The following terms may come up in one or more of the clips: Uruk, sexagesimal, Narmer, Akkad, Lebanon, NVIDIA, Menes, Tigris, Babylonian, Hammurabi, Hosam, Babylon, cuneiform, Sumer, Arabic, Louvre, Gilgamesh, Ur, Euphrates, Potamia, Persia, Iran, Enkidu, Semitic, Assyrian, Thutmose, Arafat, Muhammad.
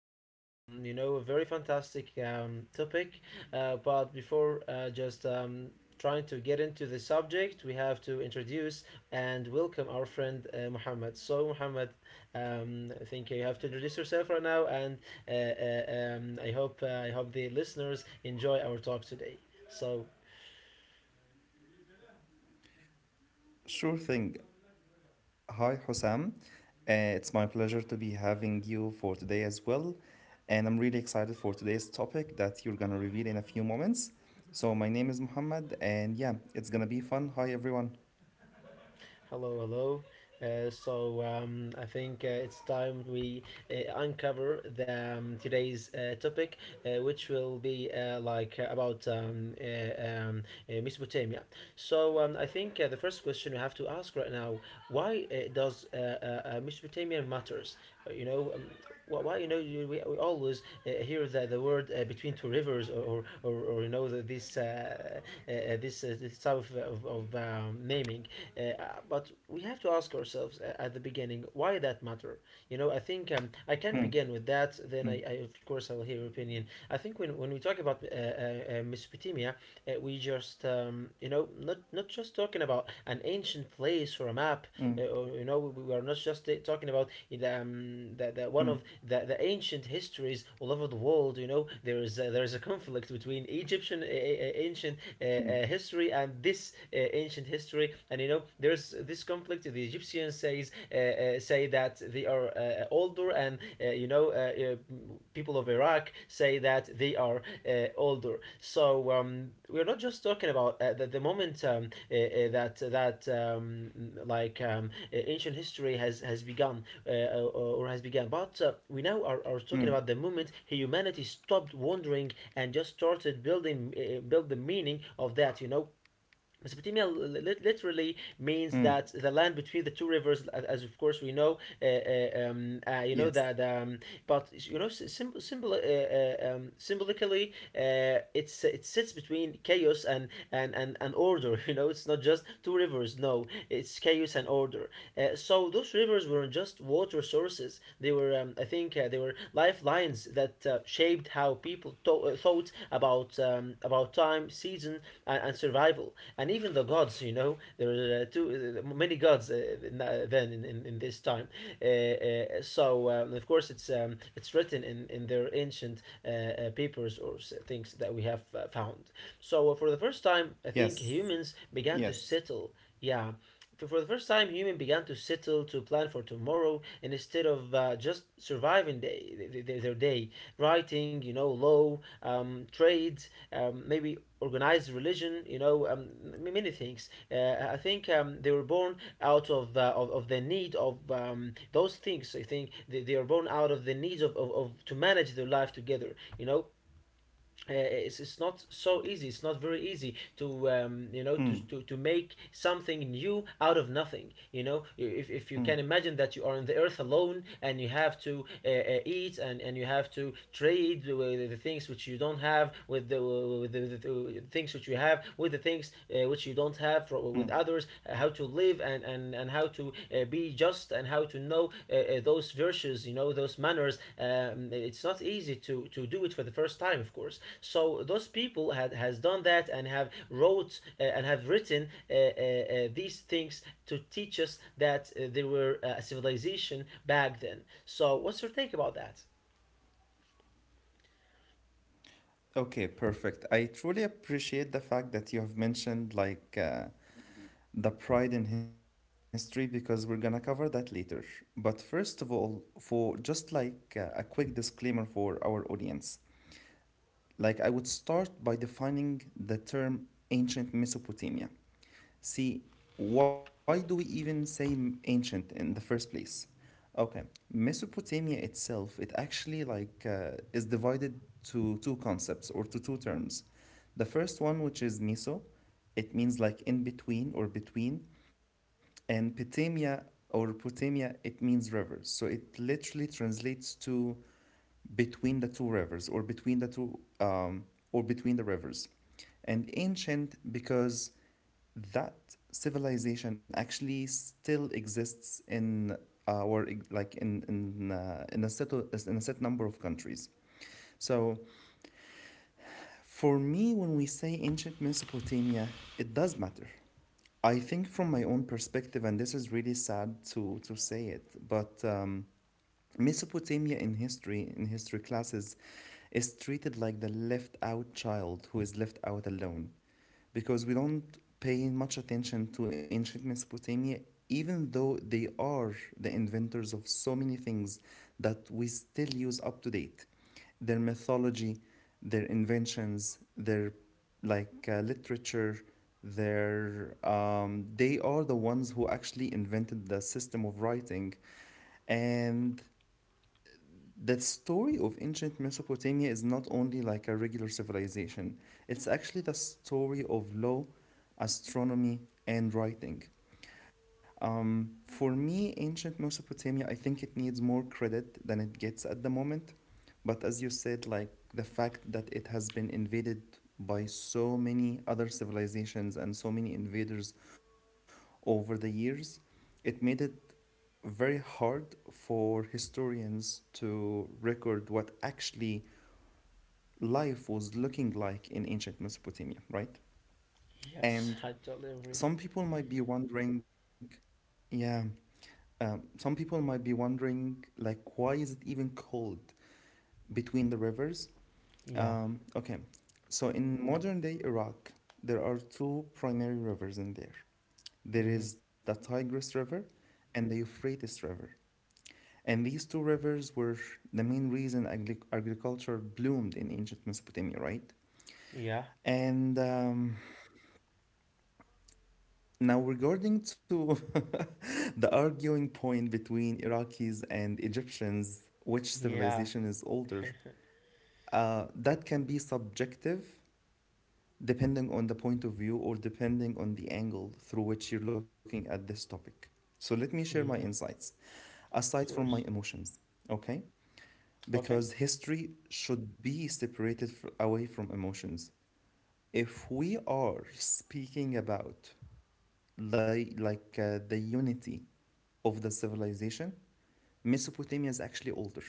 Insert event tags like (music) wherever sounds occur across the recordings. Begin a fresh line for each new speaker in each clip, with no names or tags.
about, you know, a very fantastic topic. But before just trying to get into the subject, we have to introduce and welcome our friend Muhammad. So, Muhammad, I think you have to introduce yourself right now. And I hope the listeners enjoy our talk today. So,
Sure thing. Hi, Hosam. It's my pleasure to be having you for today as well. And I'm really excited for today's topic that you're going to reveal in a few moments. So, my name is Muhammad, and yeah, it's going to be fun. Hi, everyone.
hello, hello. I think it's time we uncover today's topic, which will be like about Mesopotamia. So, I think the first question we have to ask right now: why does Mesopotamia matters? You know, why you know we always hear the word between two rivers, or you know the, this this this type of naming. Uh, but we have to ask ourselves at the beginning why that matter. You
Mm,
know, I think I can
mm,
begin with that. Then I of course, I will hear your opinion. I think when we talk about Mesopotamia, we just you know not just talking about an
mm,
ancient place or a map. Or, you know, we are not just talking about
mm,
the one of the ancient histories all over the world. You know, there is a conflict between Egyptian ancient
mm,
history and this ancient history. And you know, there's this conflict. The Egyptians say that they are older, and people of Iraq say that they are older. So, we're not just talking about the moment that that like ancient history has begun or has begun, but we now are
mm, mm.
talking about the moment humanity stopped wondering and just started building build the meaning of that. You know, Mesopotamia literally means
Mm.
that the land between the two rivers, as of course we know, you know
Yes,
but you know, symbolically, it's it sits between chaos and, and and order. (laughs) You know, it's not just two rivers. No, it's chaos and order. So those rivers weren't just water sources; they were, I think, they were lifelines that shaped how people thought about time, season, and survival, and even the gods. You know, there were too many gods then in this time. Of course, it's written in their ancient papers or things that we have found. So for the first time, I think
yes,
humans began to
yes.
settle. Yeah, for the first time, humans began to settle to plan for tomorrow and instead of just surviving their day. Writing, you know, law, trades, maybe organized religion, you know, many things. I think they were born out of, of the need of those things. I think they are born out of the needs of to manage their life together, you know it's not so easy, it's not very easy to you know to,
Mm,
to make something new out of nothing. You know, if you
mm,
can imagine that you are on the earth alone and you have to eat and you have to trade the things which you don't have with with the things which you have with the things which you don't have for, with
mm.
others how to live and how to be just and how to know those virtues, you know, those manners. It's not easy to do it for the first time, of course. So those people had has done that and have wrote and have written these things to teach us that they were a civilization back then. So what's your take about that?
Okay, perfect. I truly appreciate the fact that you have mentioned, the pride in history because we're gonna cover that later. But first of all, for just a quick disclaimer for our audience, like I would start by defining the term ancient Mesopotamia. See, why do we even say ancient in the first place? Okay, Mesopotamia itself, it actually is divided to two concepts or to two terms. The first one, which is Meso, it means like in between or between, and Potamia or Potamia, it means rivers. So it literally translates to between the two rivers or between the two or between the rivers, and ancient because that civilization actually still exists in or like in a in a set number of countries. So for me, when we say ancient Mesopotamia, it does matter. I think from my own perspective, and this is really sad to say it, but Mesopotamia in history classes is treated like the left out child who is left out alone, because we don't pay much attention to ancient Mesopotamia, even though they are the inventors of so many things that we still use up to date. Their mythology, their inventions, their literature, their they are the ones who actually invented the system of writing, and that story of ancient Mesopotamia is not only like a regular civilization, it's actually the story of law, astronomy, and writing. For me, ancient Mesopotamia, I think it needs more credit than it gets at the moment. But as you said, like the fact that it has been invaded by so many other civilizations and so many invaders over the years, it made it very hard for historians to record what actually life was looking like in ancient Mesopotamia, right?
Yes, I
And
totally agree.
some people might be wondering, yeah, some people might be wondering, like, why is it even cold between the rivers?
Yeah.
Okay, so in modern day Iraq, there are two primary rivers in there. There
Mm-hmm.
is the Tigris River and the Euphrates River. And these two rivers were the main reason agriculture bloomed in ancient Mesopotamia, right?
Yeah.
And now, regarding to (laughs) the arguing point between Iraqis and Egyptians, which
Yeah.
civilization is older, that can be subjective depending on the point of view or depending on the angle through which you're looking at this topic. So, let me share my
Yeah. Of
insights aside from my
course.
emotions, okay?
Okay.
Because history should be separated away from emotions. If we are speaking about the unity of the civilization, Mesopotamia is actually older.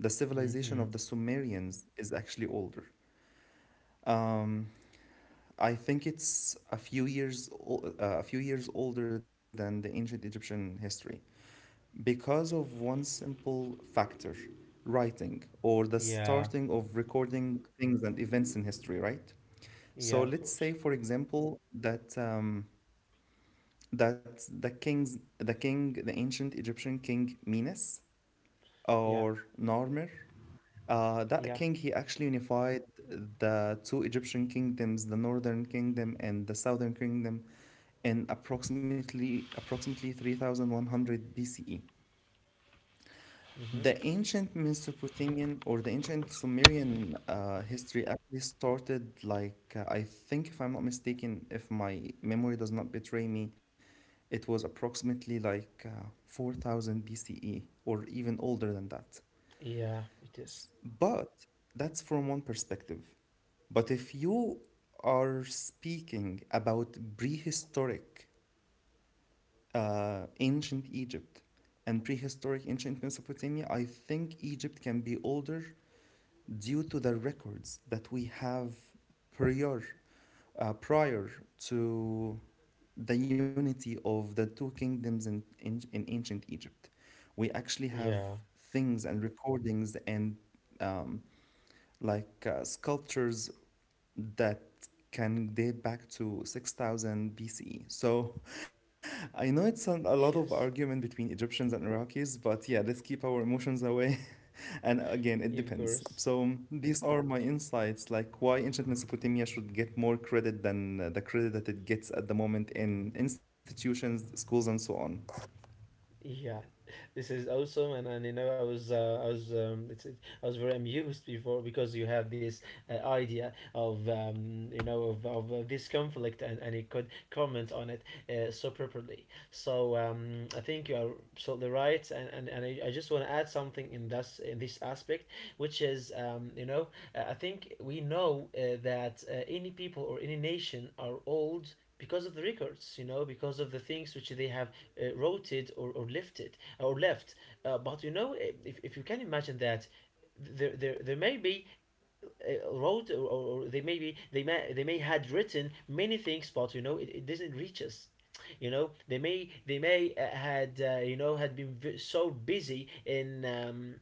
The civilization
Mm-hmm.
of the Sumerians is actually older. I think it's a a few years older than the ancient Egyptian history because of one simple factor, writing or the
Yeah.
starting of recording things and events in history, right?
Yeah,
So
of
let's
course.
say, for example, that the king, the ancient Egyptian king Menes
Yeah,
or Narmer, that
yeah,
king he actually unified the two Egyptian kingdoms, the northern kingdom and the southern kingdom, in approximately 3100 BCE. The
hmm,
ancient Mesopotamian or the ancient Sumerian history actually started I think, if I'm not mistaken, if my memory does not betray me, it was approximately 4000 BCE or even older than that.
yeah, it is.
But that's from one perspective. But if you are speaking about prehistoric ancient Egypt and prehistoric ancient Mesopotamia, I think Egypt can be older due to the records that we have prior, prior to the unity of the two kingdoms in ancient Egypt. We actually have
Yeah,
things and recordings and um, sculptures that can date back to 6000 B.C. So (laughs) I know it's a
(laughs)
lot of
yes,
argument between Egyptians and Iraqis, but yeah, let's keep our emotions away. (laughs) And again,
of
it
course.
depends. So these are my insights, like why ancient Mesopotamia should get more credit than the credit that it gets at the moment in institutions, schools, and so on.
Yeah, this is awesome, and you know I was I was I was very amused before because you have this idea of you know of this conflict and you could comment on it so properly. So I think you are absolutely right, and I just want to add something in this aspect, which is you know I think we know that any people or any nation are old because of the records. You know, because of the things which they have rotated or lifted or left. But you know, if you can imagine that there may be wrote or they may be they may had written many things, but you know it doesn't reach us. You know they may had you know had been so busy in um,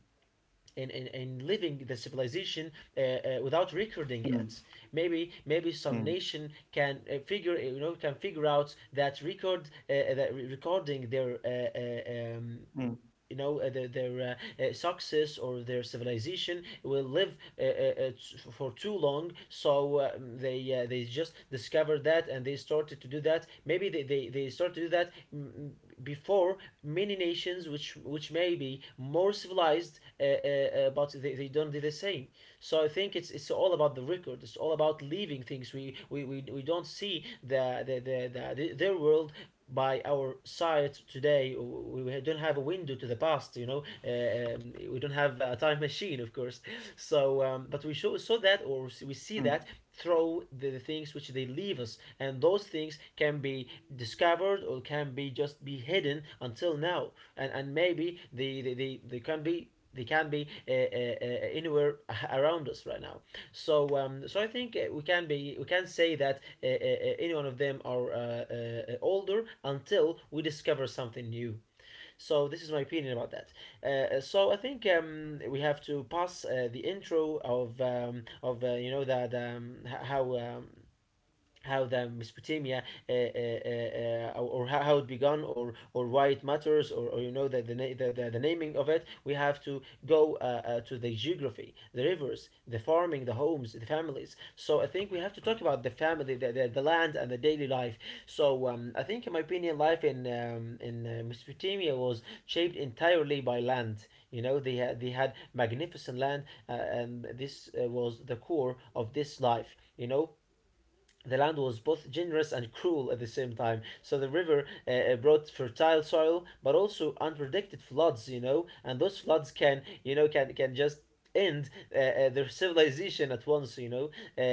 in, in, in living the civilization without recording it.
Mm,
Maybe maybe some
mm,
nation can figure, you know, can figure out that record that recording their
mm,
you know their success or their civilization will live uh, uh, uh, for too long, so they just discovered that and they started to do that. Maybe they started to do that before many nations which may be more civilized, but they don't do the same. So I think it's all about the record. It's all about leaving things. We don't see the their world by our side today. We don't have a window to the past. You know, we don't have a time machine, of course. So but we show, saw that or we see that
mm,
Throw the, things which they leave us and those things can be discovered or can be just be hidden until now and maybe they can be anywhere (laughs) around us right now. So so I think we can say that any one of them are older until we discover something new. So this is my opinion about that. So I think we have to pass the intro of you know that how um, how the Mesopotamia or how it began or why it matters or you know the naming of it. We have to go to the geography, the rivers, the farming, the homes, the families. So I think we have to talk about the family, the land and the daily life. So I think in my opinion life in Mesopotamia was shaped entirely by land. You know, they had magnificent land, and this was the core of this life. You know, the land was both generous and cruel at the same time. So the river brought fertile soil, but also unpredicted floods. You know, and those floods can, you know, can just end their civilization at once. You know, uh,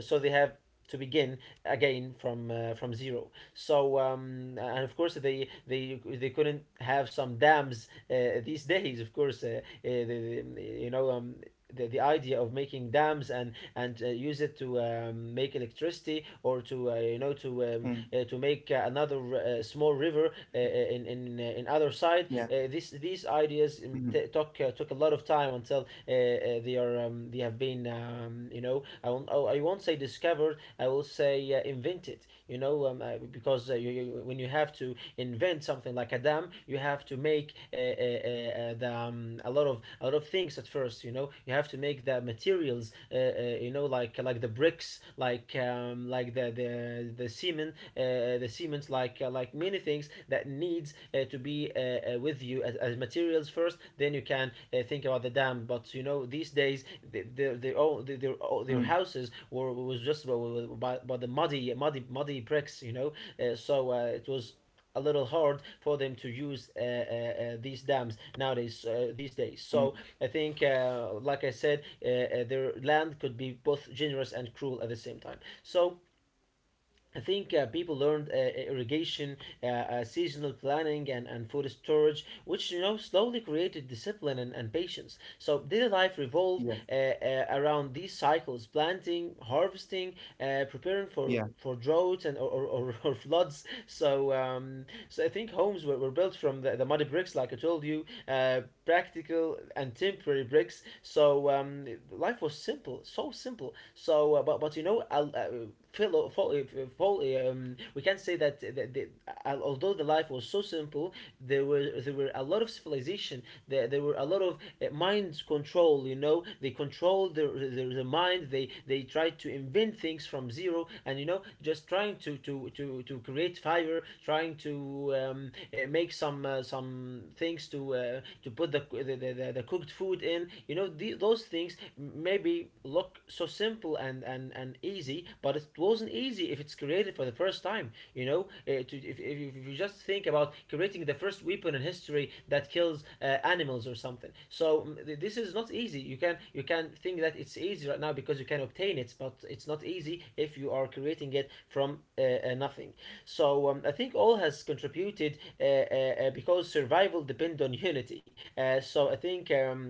so they have to begin again from zero. So and of course they they couldn't have some dams these days. Of course, the, you know, the idea of making dams and use it to make electricity or to you know
mm.
to make another small river in other side.
Yeah.
This these ideas
Mm,
took took a lot of time until they are they have been you know I won't, I won't say discovered. I will say invented. Because you, you when you have to invent something like a dam you have to make a lot of things at first. You know, you have to make the materials, you know, like the bricks, like the cement, like many things that needs to be with you as materials first. Then you can think about the dam. But you know, these days the own the, their, own- their
mm,
houses were was just by the muddy bricks, you know. So it was a little hard for them to use these dams nowadays, these days. So I
mm.
think, like I said, their land could be both generous and cruel at the same time. So I think people learned irrigation, seasonal planning, and food storage, which you know slowly created discipline and patience. So daily life revolved
Yes.
around these cycles: planting, harvesting, preparing for
Yeah.
droughts or floods. So I think homes were built from the muddy bricks, like I told you, practical and temporary bricks. Life was simple. So, but you know, Phil, we can say that although the life was so simple, there were a lot of civilization. There were a lot of mind control. You know, they control their mind. They try to invent things from zero. And you know, just trying to create fire, trying to make some things to put the cooked food in, you know. Those things maybe look so simple and easy, but it wasn't easy if it's created for the first time, you know. If you just think about creating the first weapon in history that kills animals or something. So this is not easy. You can think that it's easy right now because you can obtain it, but it's not easy if you are creating it from nothing. I think all has contributed because survival depends on unity. So I think,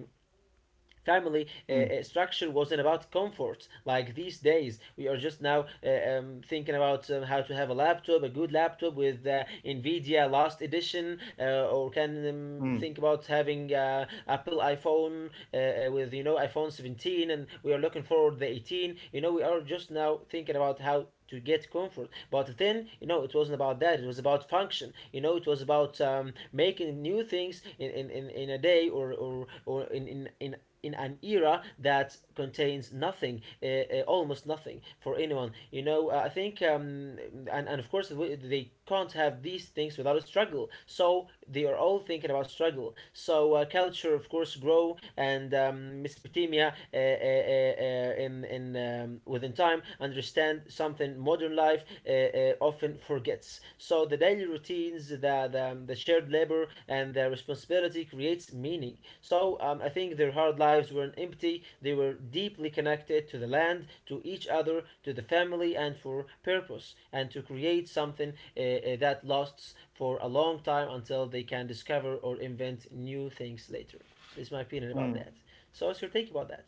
family
Mm,
structure wasn't about comfort. Like these days, we are just now thinking about how to have a laptop, a good laptop with NVIDIA last edition, or can think
mm.
about having Apple iPhone with you know iPhone 17, and we are looking forward the 18. You know, we are just now thinking about how to get comfort. But then, you know, it wasn't about that. It was about function. You know, it was about making new things in a day, or, in an era that contains nothing, almost nothing for anyone. You know. I think, and of course, they can't have these things without a struggle. So they are all thinking about struggle. So culture, of course, grow. And Mesopotamia in within time understand something modern life often forgets. So the daily routines, the, the shared labor, and the responsibility creates meaning. I think their hard lives weren't empty. They were deeply connected to the land, to each other, to the family, and for purpose, and to create something that lasts for a long time until they can discover or invent new things later. This is my opinion about that. So what's your take about that?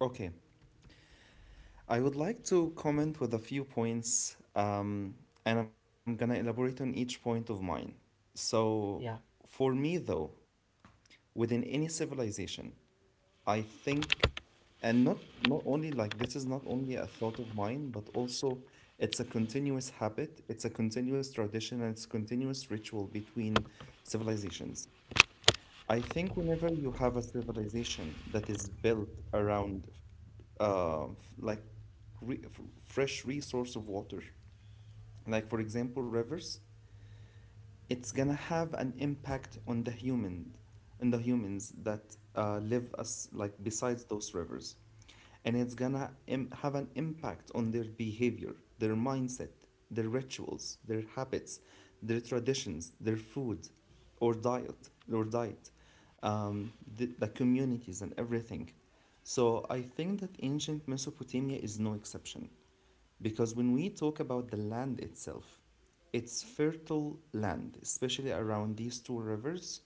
Okay. I would like to comment with a few points, and I'm gonna elaborate on each point of mine. So,
Yeah.
for me though, within any civilization, I think, and not only, like, this is not only a thought of mine, but also it's a continuous habit, it's a continuous tradition, and it's continuous ritual between civilizations. I think whenever you have a civilization that is built around f- like re f fresh resource of water, like for example rivers, it's gonna have an impact on the humans that live as like besides those rivers, and it's gonna have an impact on their behavior, their mindset, their rituals, their habits, their traditions, their food or diet or diet, the communities and everything. So I think that ancient Mesopotamia is no exception, because when we talk about the land itself, it's fertile land, especially around these two rivers.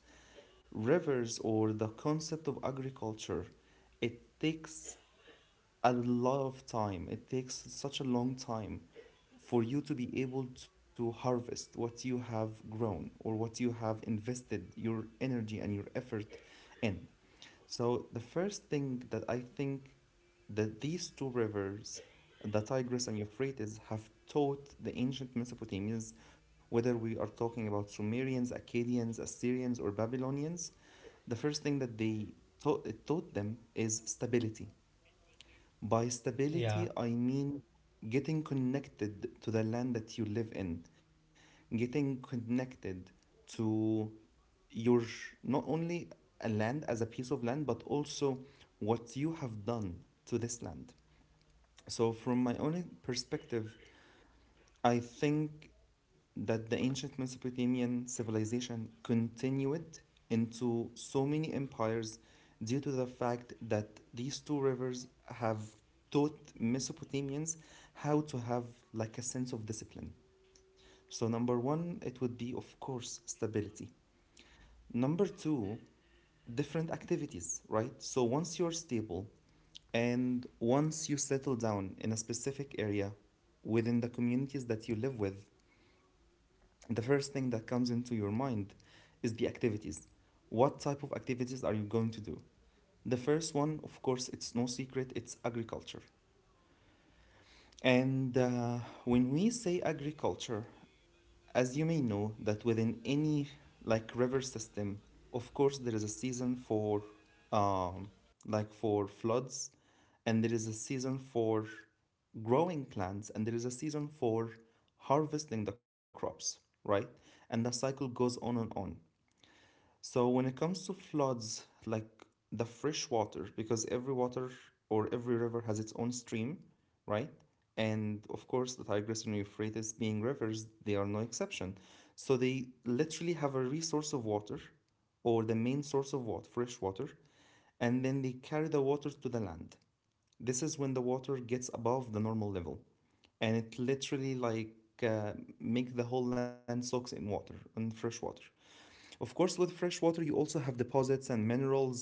Rivers or the concept of agriculture, it takes a lot of time. It takes such a long time for you to be able to harvest what you have grown or what you have invested your energy and your effort in. So the first thing that I think that these two rivers, the Tigris and Euphrates, have taught the ancient Mesopotamians, whether we are talking about Sumerians, Akkadians, Assyrians, or Babylonians, the first thing that it taught them is stability. By
Yeah.
stability, I mean getting connected to the land that you live in, getting connected to your not only a land as a piece of land, but also what you have done to this land. So, from my own perspective, I think that the ancient Mesopotamian civilization continued into so many empires due to the fact that these two rivers have taught Mesopotamians how to have like a sense of discipline. So, number one, it would be, of course, stability. Number two, different activities, right? So, once you're stable and once you settle down in a specific area within the communities that you live with, the first thing that comes into your mind is the activities. What type of activities are you going to do? The first one, of course, it's no secret, it's agriculture. And when we say agriculture, as you may know, that within any like river system, of course, there is a season for um, like for floods, and there is a season for growing plants, and there is a season for harvesting the crops, right? And the cycle goes on and on. So when it comes to floods, like the fresh water, because every water or every river has its own stream, right? And of course, the Tigris and Euphrates being rivers, they are no exception. So they literally have a resource of water or the main source of water, fresh water, and then they carry the water to the land. This is when the water gets above the normal level, and it literally uh, make the whole land soaks in water, in fresh water. Of course, with fresh water, you also have deposits and minerals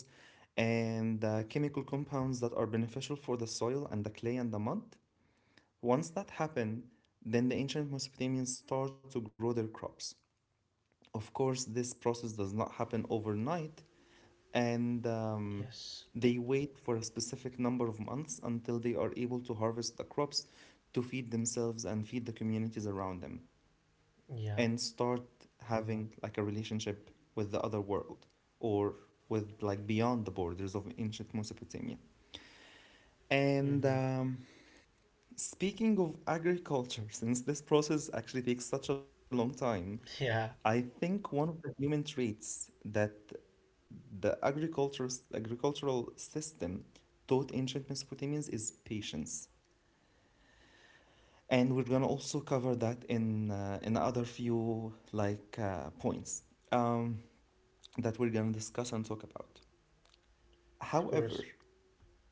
and chemical compounds that are beneficial for the soil and the clay and the mud. Once that happened, then the ancient Mesopotamians start to grow their crops. Of course, this process does not happen overnight, and
Yes.
they wait for a specific number of months until they are able to harvest the crops to feed themselves and feed the communities around them and
Yeah.
start having like a relationship with the other world or with like beyond the borders of ancient Mesopotamia. And
Hmm.
speaking of agriculture, since this process actually takes such a long time,
(laughs) Yeah.
I think one of the human traits that the agriculture, agricultural system taught ancient Mesopotamians is patience. And we're gonna also cover that in other few points. Um, that we're going to discuss and talk about.
Of course.
However,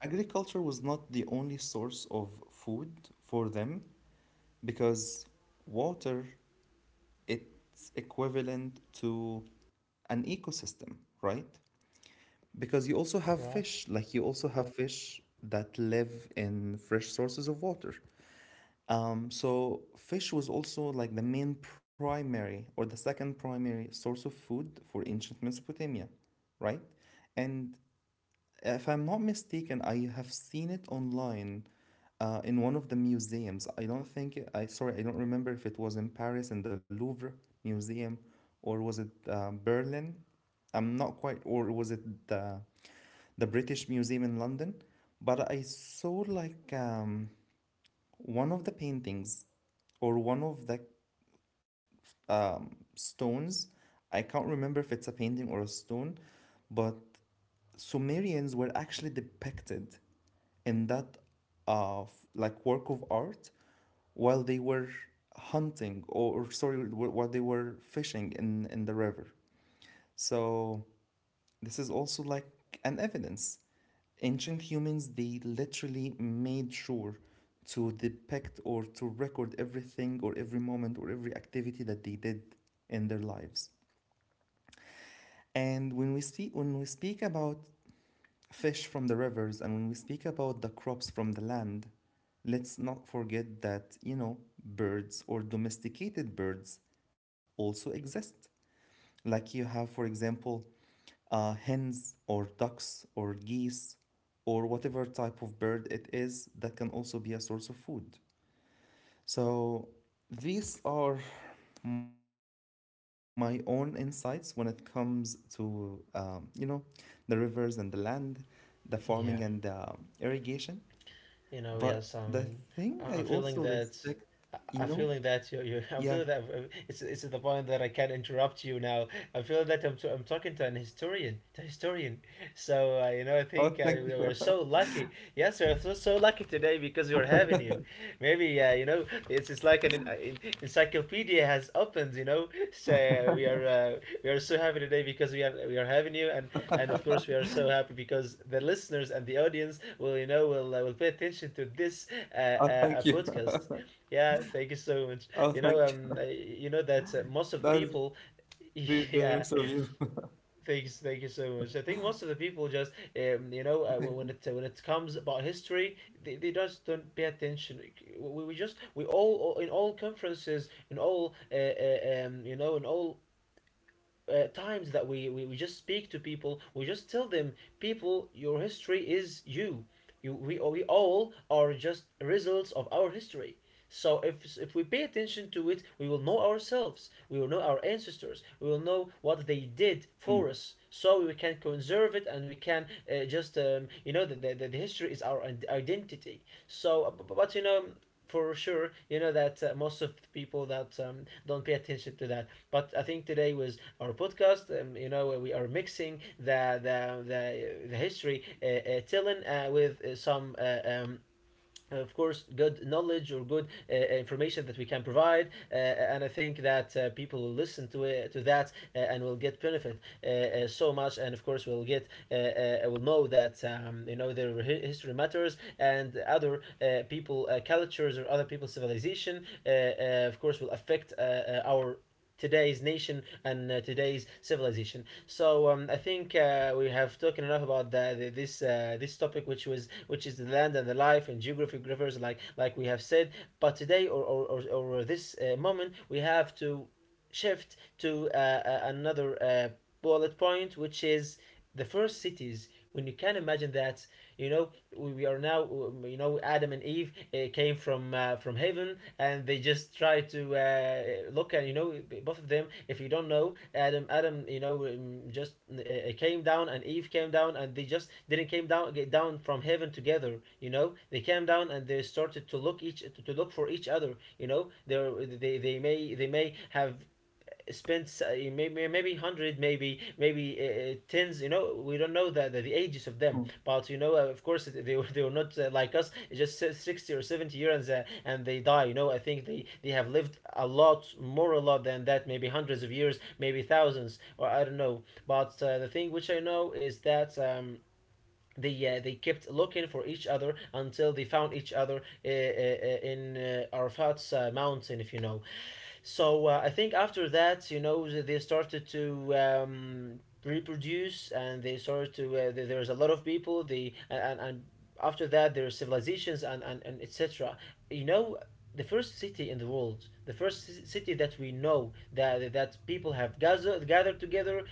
agriculture was not the only source of food for them because water, it's equivalent to an ecosystem, right? Because you also have
Right.
fish, like you also have fish that live in fresh sources of water. So fish was also like the main primary or the second primary source of food for ancient Mesopotamia, right? And if I'm not mistaken, I have seen it online in one of the museums. I don't think it- I Sorry, I don't remember if it was in Paris in the Louvre Museum, or was it Berlin? I'm not quite, or was it the British Museum in London? But I saw like one of the paintings or one of the stones. I can't remember if it's a painting or a stone, but Sumerians were actually depicted in that like work of art while they were hunting, or, while they were fishing in the river. So this is also like an evidence. Ancient humans, they literally made sure to depict or to record everything or every moment or every activity that they did in their lives. And when we speak about fish from the rivers, and when we speak about the crops from the land, let's not forget that birds or domesticated birds also exist. Like you have, for example, hens or ducks or geese, or whatever type of bird it is, that can also be a source of food. So these are my own insights when it comes to, the rivers and the land, the farming and the
Yeah.
irrigation. But
You know.
the
Yes.
thing I also
I'm feeling
respect,
that.
you know,
I am feeling that you
yeah.
(laughs) I'm feeling that, it's at the point that I can not interrupt you now. I feel that I'm talking to an historian. To a historian. So,
Oh,
you
thank
know, I
you.
think we
(laughs)
are so lucky. Yes, we are so lucky today because we're having you. Maybe yeah, you know, it's like an, encyclopedia has opened, you know. So we are so happy today because we are having you, and of course we are so happy because the listeners and the audience will you know will pay attention to this
Oh, thank you.
podcast.
(laughs)
Yeah, thank you so much.
Oh, thank you.
You know that most
(laughs)
of the
That's very
people,
generous of you.
(laughs)
(laughs)
yeah, thanks, thank you so much. I think most of the people just,
Thank
you
you.
know, when it comes about history, they just don't pay attention. We all in all conferences, in all you know, in all times that we, we just speak to people, we just tell them, people, your history is you. We all are just results of our history. So if we pay attention to it, we will know ourselves, we will know our ancestors, we will know
Mm,
what they did for us. So we can conserve it and we can you know, the history is our identity. So, but you know, for sure, you know that most of the people, that don't pay attention to that. But I think today was our podcast. You know, we are mixing the, the history, Tillen, with some of course, good knowledge or good information that we can provide, and I think that people will listen to it, to that, and will get benefit so much, and of course, we'll get will know that you know their history matters, and other people, cultures, or other people's civilization, of course, will affect our today's nation and today's civilization. I think we have talked enough about this this topic, which is the land and the life and geographic rivers, like we have said. But today, or this moment, we have to shift to another bullet point, which is the first cities. When you can imagine that, you know, we are now, you know, Adam and Eve came from heaven, and they just try to look at, you know, both of them. If you don't know, Adam you know, just came down, and Eve came down, and they just didn't came down get down from heaven together. You know, they came down and they started to look each to look for each other. You know, they may have spent maybe hundred, maybe tens. You know, we don't know
mm,
the ages of them, but you know, of course, they were not like us. It's just 60 or 70 years, and they die. You know, I think they have lived a lot more, a lot than that. Maybe hundreds of years, maybe thousands, or I don't know. But the thing which I know is that. They, they kept looking for each other until they found each other in Arafat's mountain, if you know. So I think after that, you know, they started to reproduce, and they started to. There was a lot of people. After that, there are civilizations and etc. You know, the first city in the world, the first city that we know, that that people have gathered together,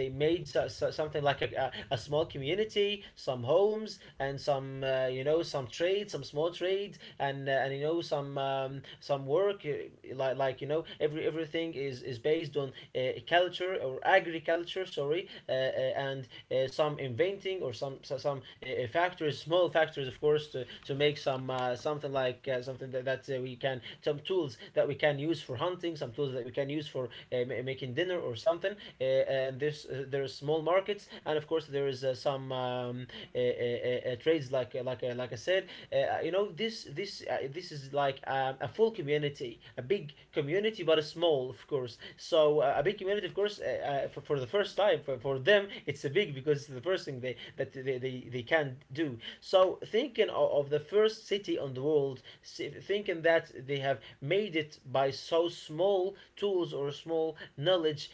they made so, so something like a small community, some homes, and some, you know, some trade, some small trade, and and, you know, some work, like, you know, everything is based on culture or agriculture, sorry, and some inventing or some, factories, small factories, of course, to make some, something like something that, that we can, some tools that we can use for hunting, some tools that we can use for uh, making dinner or something. Uh, and this there are small markets, and of course there is some, trades like, like I said. You know, this this uh, this is like a full community, a big community, but a small of course. So a big community, of course, for the first time for them, it's a big because it's the first thing they that they can do. So thinking of the first city on the world, thinking that they have made it by so small tools or small knowledge,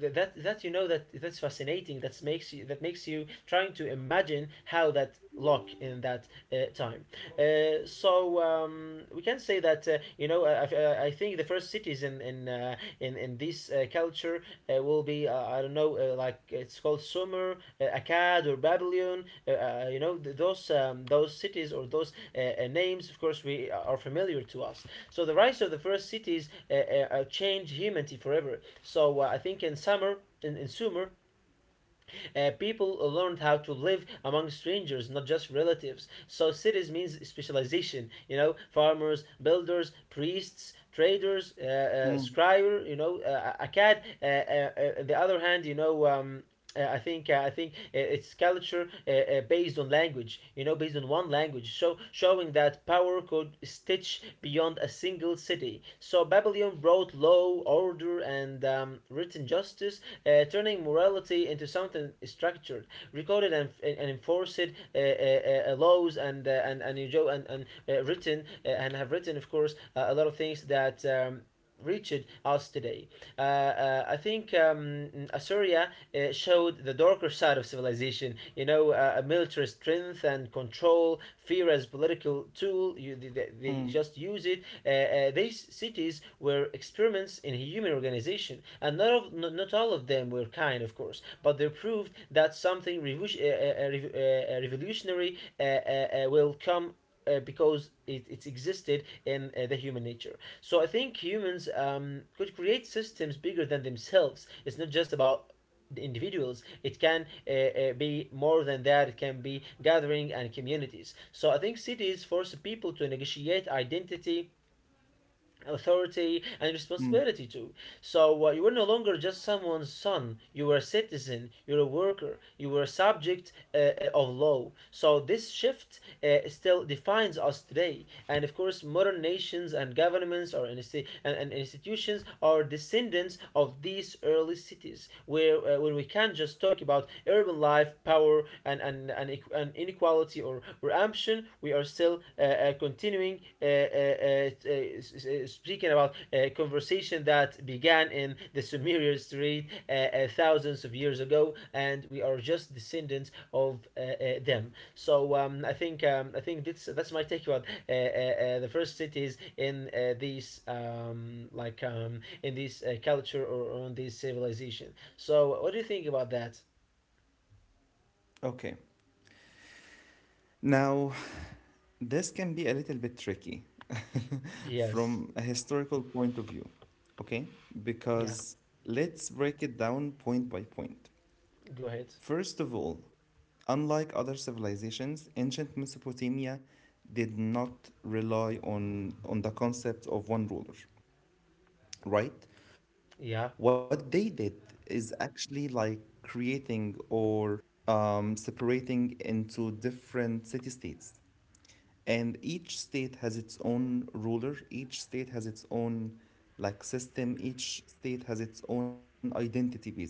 that that you know that that's fascinating. That makes you trying to imagine how that look in that time. So we can say that I think the first cities in this culture will be, I don't know, like it's called Sumer, Akkad, or Babylon. Those cities or those names, of course, we are familiar to us. So the rise of the first cities changed humanity forever. So I think in Sumer, people learned how to live among strangers, not just relatives. So cities means specialization. You know, farmers, builders, priests, traders, scribe.
mm,
You know, Akkad. On the other hand, you know, I think it's culture based on language, you know, based on one language. So showing that power could stitch beyond a single city. So Babylon brought law, order, and written justice, turning morality into something structured, recorded, and enforced, laws, and written, and have written, of course, a lot of things that reached us today. I think Assyria showed the darker side of civilization. You know, a military strength and control, fear as political tool. They
mm,
just use it. These cities were experiments in human organization, and not all of them were kind, of course, but they proved that something revolutionary will come. Because it's existed in the human nature. So I think humans could create systems bigger than themselves. It's not just about the individuals; it can be more than that. It can be gathering and communities. So I think cities force people to negotiate identity, authority, and
mm.
responsibility too. So you were no longer just someone's son. You were a citizen. You were a worker. You were a subject of law. So this shift still defines us today. And of course, modern nations and governments and institutions are descendants of these early cities, where when we can't just talk about urban life, power, and inequality, or ambition corruption. We are still continuing speaking about a conversation that began in the Sumerian street thousands of years ago, and we are just descendants of them. So I think that's my take about the first cities in these, in this culture or on this civilization. So what do you think about that?
Okay. Now, (sighs) this can be a little bit tricky. (laughs)
Yes.
From a historical point of view, okay?
Yeah.
Because let's break it down point by point.
Go ahead.
First of all, unlike other civilizations, ancient Mesopotamia did not rely on the concept of one ruler, right? What
Yeah.
they did is actually like creating or separating into different city states. And each state has its own ruler, each state has its own like system, each state has its own identity basically.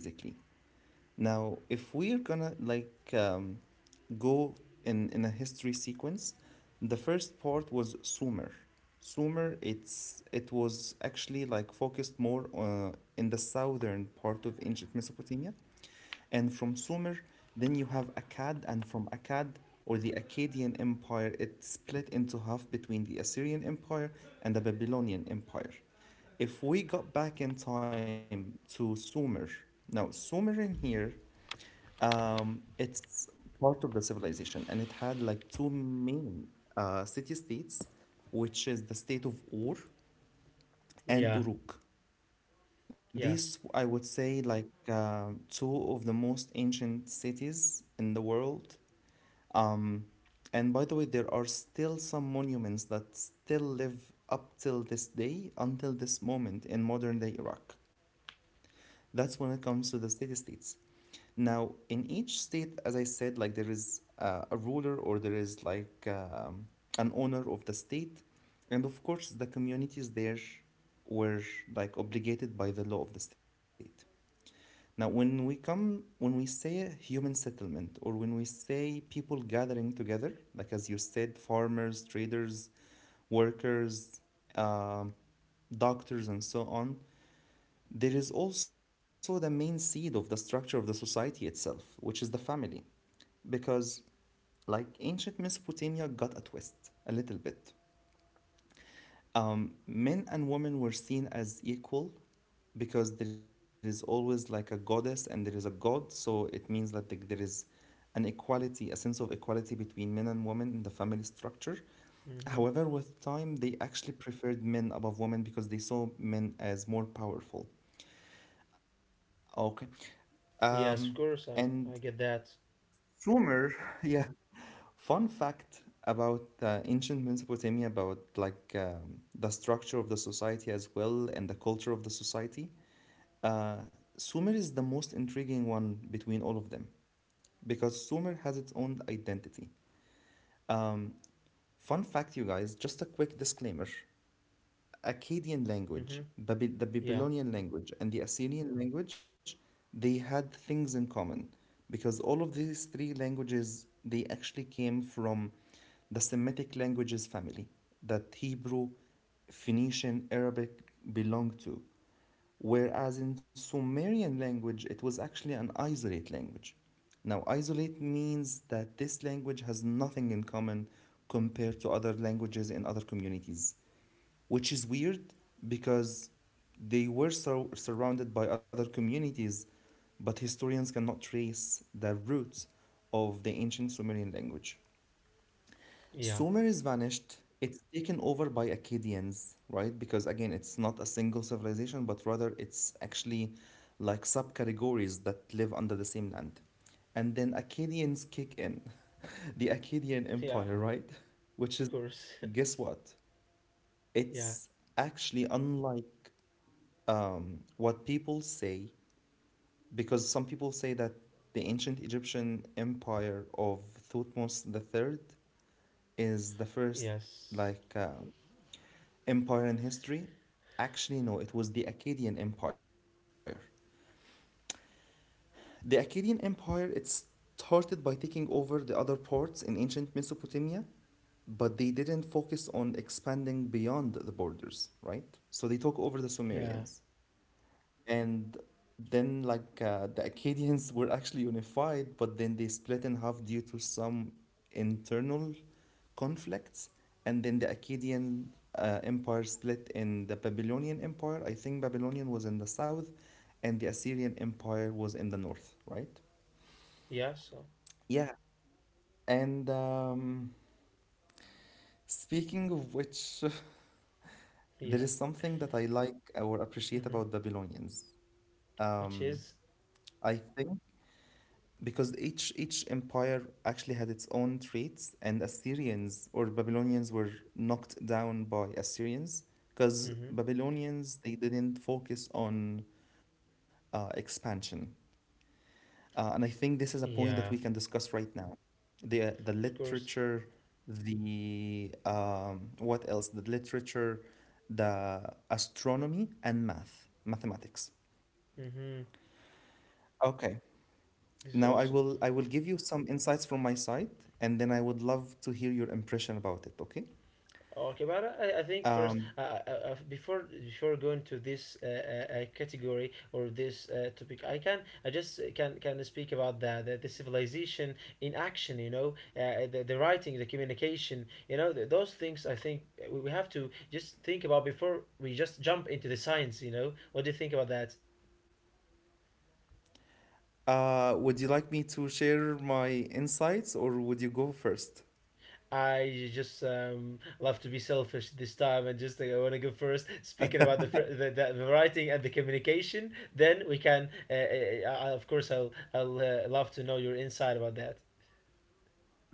Now, if we're gonna like go in a history sequence, the first part was Sumer. Sumer, it was actually like focused more in the southern part of ancient Mesopotamia, and from Sumer, then you have Akkad, and from Akkad or the Akkadian Empire, it split into half between the Assyrian Empire and the Babylonian Empire. If we got back in time to Sumer, now Sumer in here, it's part of the civilization, and it had like two main city states, which is the state of Ur
Yeah.
and Uruk.
Yes.
These, I would say, like two of the most ancient cities in the world. And by the way, there are still some monuments that still live up till this day, until this moment in modern day Iraq. That's when it comes to the city states. Now, in each state, as I said, like there is a ruler, or there is like an owner of the state. And of course, the communities there were like obligated by the law of the state. Now, when we say human settlement, or when we say people gathering together, like as you said, farmers, traders, workers, um, doctors, and so on, there is also the main seed of the structure of the society itself, which is the family. Because, like, ancient Mesopotamia got a twist, a little bit. Men and women were seen as equal because there is always like a goddess and there is a god, so it means that, like, there is an equality, a sense of equality between men and women in the family structure.
Mm-hmm.
However, with time, they actually preferred men above women because they saw men as more powerful. Okay. Um,
Yes, of course.
and
I get that.
Sumer, (laughs) yeah. Fun fact about ancient Mesopotamia, about like the structure of the society as well and the culture of the society. Sumer is the most intriguing one between all of them because Sumer has its own identity. Fun fact, you guys, just a quick disclaimer. Akkadian
Mm-hmm.
language, the
Yeah.
Babylonian language, and the Assyrian language, they had things in common because all of these three languages they actually came from the Semitic languages family that Hebrew, Phoenician, Arabic belonged to. Whereas in Sumerian language, it was actually an isolate language. Now, isolate means that this language has nothing in common compared to other languages in other communities, which is weird because they were so surrounded by other communities, but historians cannot trace the roots of the ancient Sumerian language.
Yeah.
Sumer is vanished. It's taken over by Akkadians, right? Because again, it's not a single civilization, but rather it's actually like subcategories that live under the same land. And then Akkadians kick in, (laughs) the Akkadian
Yeah.
Empire, right? (laughs) Which
Of
is,
course.
guess what?
(laughs) Yeah.
It's actually unlike what people say, because some people say that the ancient Egyptian empire of Thutmose the third is the first
Yes.
like empire in history. Actually, no, it was the Akkadian Empire. The Akkadian Empire, it started by taking over the other ports in ancient Mesopotamia, but they didn't focus on expanding beyond the borders, right? So they took over the
Yeah.
Sumerians. And then, like, the Acadians (laughs) were actually unified, but then they split in half due to some internal conflicts. And then the Akkadian empire split in the Babylonian empire. I think Babylonian was in the south, and the Assyrian empire was in the north, right?
Yeah. So.
Yeah, and speaking of which, (laughs) there
Yeah.
is something that I like or appreciate
Mm-hmm.
about Babylonians. Um,
Which is.
I think because each empire actually had its own traits, and Assyrians or Babylonians were knocked down by Assyrians because
Mm-hmm.
Babylonians, they didn't focus on expansion. And I think this is a point that we
Yeah.
can discuss right now: the
Of course.
literature, the what else the literature, the astronomy and mathematics.
Mm-hmm.
Okay.
This
Now
is
I
awesome.
will, I will give you some insights from my side, and then I would love to hear your impression about it, okay?
Okay, but I think first,
Um,
before going to this category or this topic, I just can speak about the civilization in action. You know, the writing, the communication. You know, th those things. I think we have to just think about before we just jump into the science. You know, what do you think about that?
would you like me to share my insights, or would you go first?
I just love to be selfish this time and just like, I want to go first. Speaking about the writing and the communication, then we can. Of course, I'll love to know your insight about that.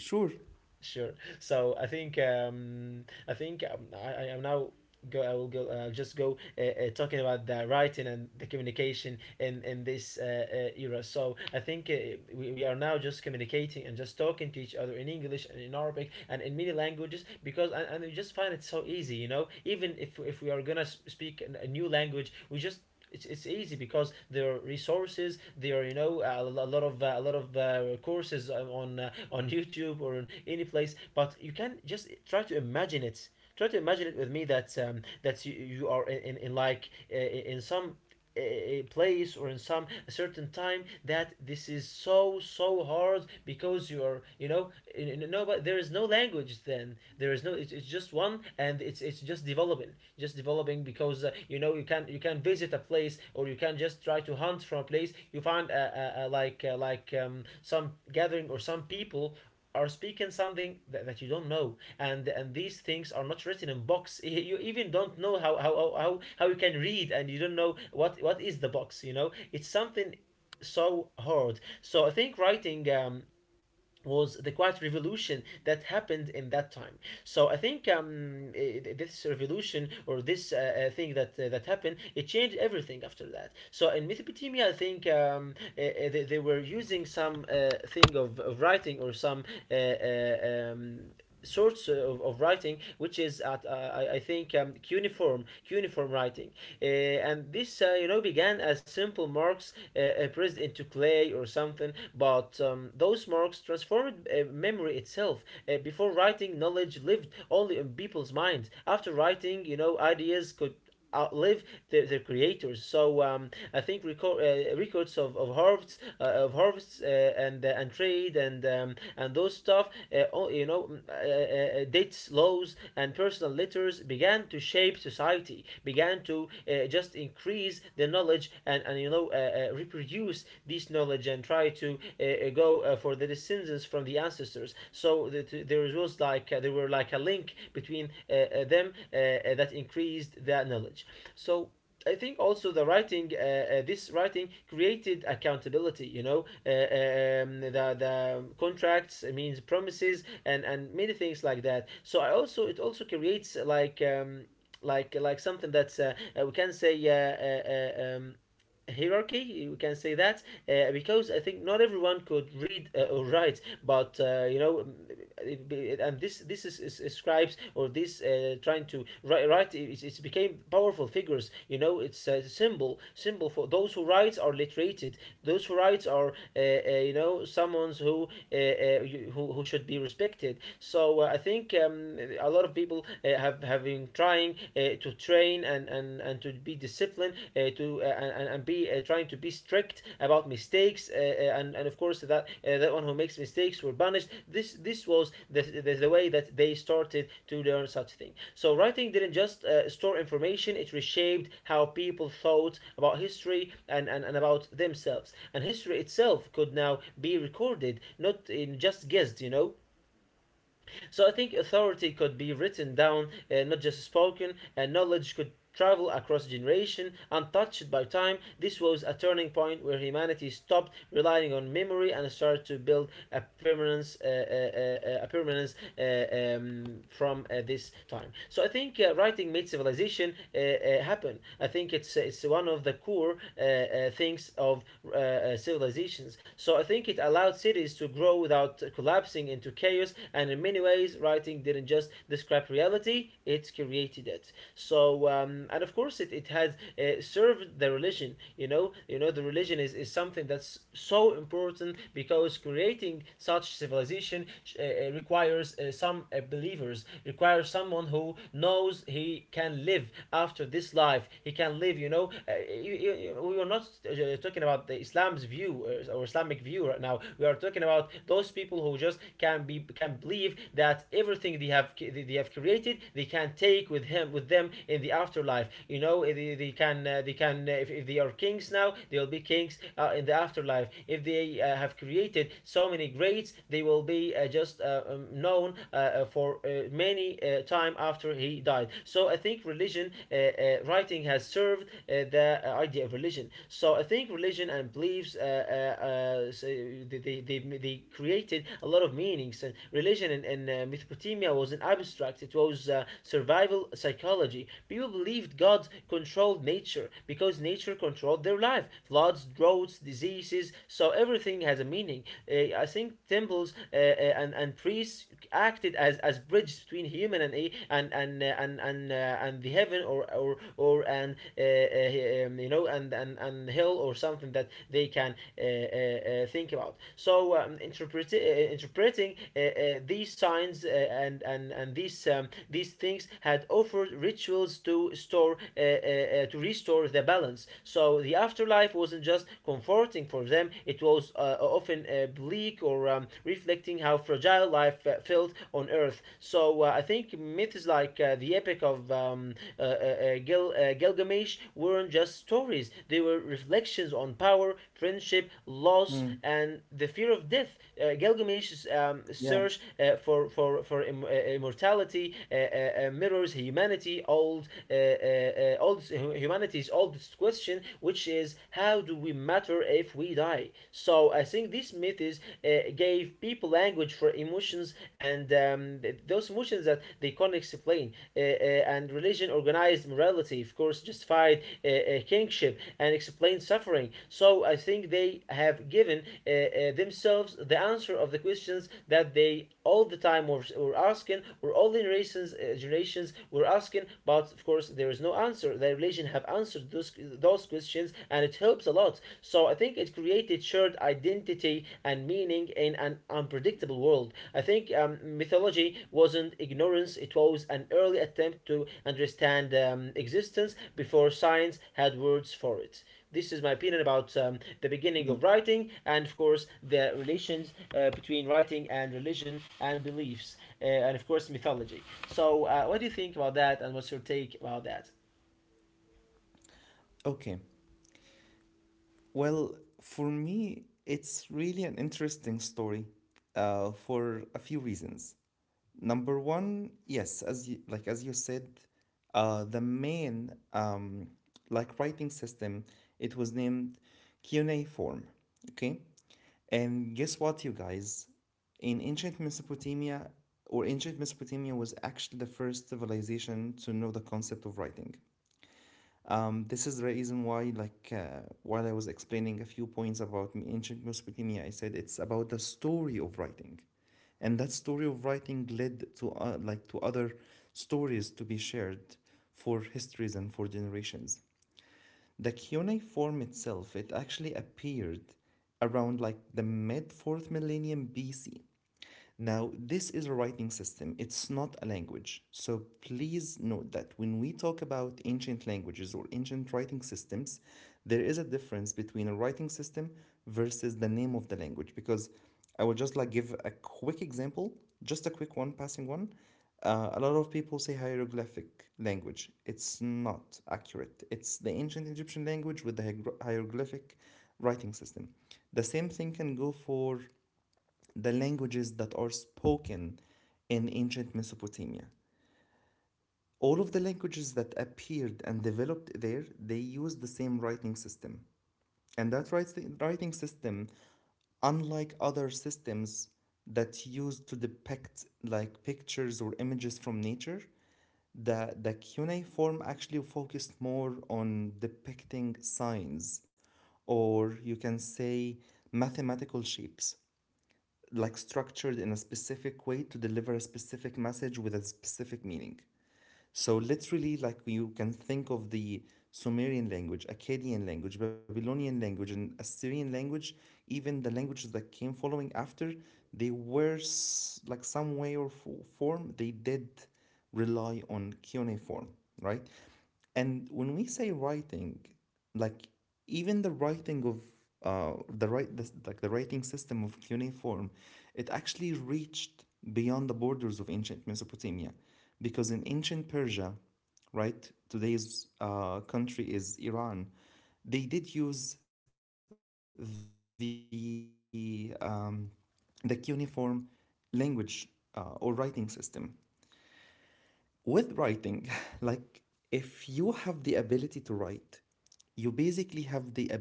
Sure.
Sure. So I am now go. I will go. I'll just go, talking about the writing and the communication in this era. So I think we are now just communicating and just talking to each other in English and in Arabic and in many languages, because and we just find it so easy. You know, even if we are gonna speak a new language, it's easy because there are resources. There are, you know, a lot of courses on youtube or on any place. But you can just try to imagine it, with me, that that you are, in some a place, or in some a certain time, that this is so hard because you are, you know, in, no but there is no language, then there is no, it's just one, and it's just developing, because you know, you can visit a place, or you can just try to hunt from a place. You find some gathering, or some people are speaking something that you don't know, and these things are not written in box. (laughs) You even don't know how you can read, and you don't know what is the box. You know, it's something so hard. So I think writing was the quiet revolution that happened in that time. So I think this revolution, or this thing that happened, it changed everything after that. So in Mesopotamia, I think they were using some thing of writing, or some uh, uh, um, sorts of writing, which is at, I think, cuneiform writing. And this, you know, began as simple marks pressed into clay or something, but those marks transformed memory itself. Before writing, knowledge lived only in people's minds. After writing, you know, ideas could outlive their creators. So I think records of harvests, and trade, and those stuff, you know, dates, laws, and personal letters began to shape society, began to just increase the knowledge, and you know, reproduce this knowledge, and try to go for the descendants from the ancestors. So that, there was like, there were like a link between them that increased that knowledge. So I think also the writing, this writing created accountability. You know, the contracts means promises, and many things like that. So I also, it also creates like, something that's, we can say, hierarchy, we can say that, because I think not everyone could read or write, but you know, and this is scribes, or this, trying to write, it's became powerful figures. You know, it's a symbol for those who write are literated. Those who write are, you know, someone uh, uh, who should be respected. So I think a lot of people have having tried trying to train, and to be disciplined, to and be, trying to be strict about mistakes, and of course, that that one who makes mistakes were punished. This was the way that they started to learn such thing. So writing didn't just store information; it reshaped how people thought about history, and about themselves. And history itself could now be recorded, not in just guessed, you know. So I think authority could be written down, not just spoken, and knowledge could travel across generation untouched by time. This was a turning point where humanity stopped relying on memory and started to build a permanence, from this time. So I think writing made civilization happen. I think it's one of the core things of civilizations. So I think it allowed cities to grow without collapsing into chaos. And in many ways, writing didn't just describe reality; it created it. And of course, it has served the religion. You know, the religion is something that's so important because creating such civilization requires some believers, requires someone who knows he can live after this life. He can live, you know. We are not talking about the Islam's view or Islamic view right now. We are talking about those people who just can be can believe that everything they have they have created they can take with him with them in the afterlife. You know, they can they can if they are kings now they'll be kings in the afterlife survive. If they have created so many greats, they will be just known for many time after he died. So I think religion writing has served the idea of religion. So I think religion and beliefs created a lot of meanings. And religion in Mesopotamia was an abstract; it was survival psychology. People believed God controlled nature because nature controlled their life. Floods drove roads, diseases. So everything has a meaning. I think temples and priests acted as bridge between human and a- and and the heaven or and you know and hell or something that they can think about. So interpreting these signs and these things had offered rituals to store to restore the balance. So the afterlife wasn't just comforting for them, it was often bleak or reflecting how fragile life felt on earth. So I think myths like the Epic of Gilgamesh weren't just stories, they were reflections on power, friendship, loss,
Mm,
and the fear of death. Gilgamesh's search
yeah.
for immortality mirrors humanity, old humanity's oldest next question, which is how do we matter if we die? So I think these methods gave people language for emotions and those emotions that they can't explain. And religion organized morality, of course, justified kingship and explained suffering. So I think they have given themselves the answer of the questions that they all the time were asking, or all the generations were asking. But of course, there is no answer. The religion have answered those questions and it helps a lot. So I think it created shared identity and meaning in an unpredictable world. I think mythology wasn't ignorance, it was an early attempt to understand existence before science had words for it. This is my opinion about the beginning of
Mm.
writing and, of course, the relations between writing and religion and beliefs, and, of course, mythology. So, what do you think about that, and what's your take about that?
Okay. Well, for me, it's really an interesting story, for a few reasons. Number one, yes, as you, like as you said, the main like writing system, it was named form. Okay, and guess what, you guys? In ancient Mesopotamia, or ancient Mesopotamia was actually the first civilization to know the concept of writing. This is the reason why, like, while I was explaining a few points about ancient Mesopotamia, I said it's about the story of writing, and that story of writing led to like to other stories to be shared for histories and for generations. The Kionai form itself, it actually appeared around like the mid fourth millennium BC. Now, this is a writing system, it's not a language. So please note that when we talk about ancient languages or ancient writing systems, there is a difference between a writing system versus the name of the language. Because I will just like give a quick example, just a quick one, passing one. A lot of people say hieroglyphic language. It's not accurate. It's the ancient Egyptian language with the hieroglyphic writing system. The same thing can go for the languages that are spoken in ancient Mesopotamia. All of the languages that appeared and developed there, they used the same writing system. And that writing system, unlike other systems that used to depict like pictures or images from nature, the cuneiform actually focused more on depicting signs, or you can say mathematical shapes, like structured in a specific way to deliver a specific message with a specific meaning. So literally, like you can think of the Sumerian language, Akkadian language, Babylonian language, and Assyrian language, even the languages that came following after, they were like some way or form they did rely on cuneiform, right? And when we say writing, like even the writing of like the writing system of cuneiform, it actually reached beyond the borders of ancient Mesopotamia, because in ancient Persia, right, today's country is Iran, they did use the cuneiform language or writing system. With writing, (laughs) like if you have the ability to write, you basically have the ability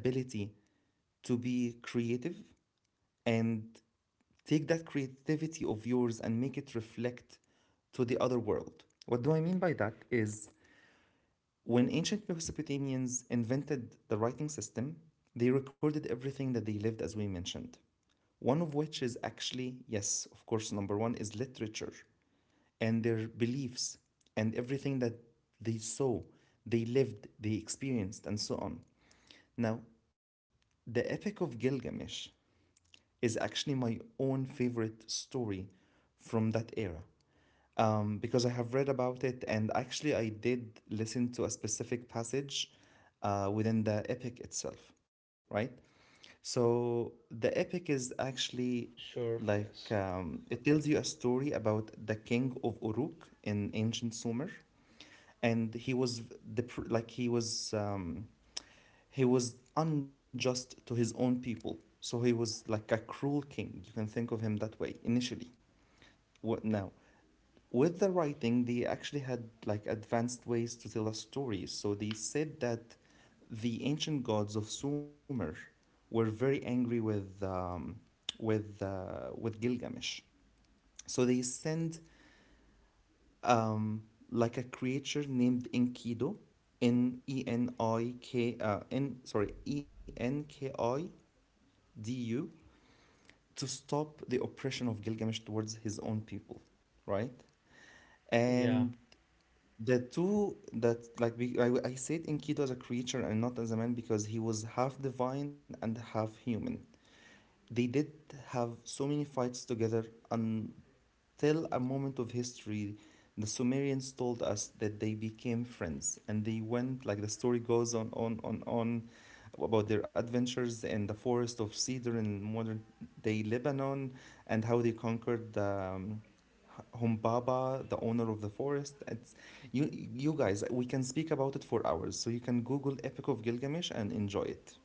to be creative and take that creativity of yours and make it reflect to the other world. What do I mean by that is when ancient Mesopotamians invented the writing system, they recorded everything that they lived, as we mentioned. One of which is actually, yes, of course, number one is literature and their beliefs and everything that they saw, they lived, they experienced, and so on. Now, the Epic of Gilgamesh is actually my own favorite story from that era, because I have read about it, and actually I did listen to a specific passage within the epic itself, right? So the epic is actually,
Sure. Yes.
like, it tells you a story about the king of Uruk in ancient Sumer, and he was the pr- like he was unjust to his own people. So he was like a cruel king. You can think of him that way initially. What now? With the writing, they actually had like advanced ways to tell a story. So they said that the ancient gods of Sumer were very angry with Gilgamesh. So they send um, like a creature named Enkidu, N E N I K N sorry Enkidu to stop the oppression of Gilgamesh towards his own people, right?
Yeah.
And the two that, like, I said Enkidu as a creature and not as a man because he was half divine and half human. They did have so many fights together on till a moment of history, the Sumerians told us that they became friends, and they went, like, the story goes on about their adventures in the forest of cedar in modern day Lebanon, and how they conquered Humbaba, the owner of the forest. You guys, we can speak about it for hours. So you can Google Epic of Gilgamesh and enjoy it.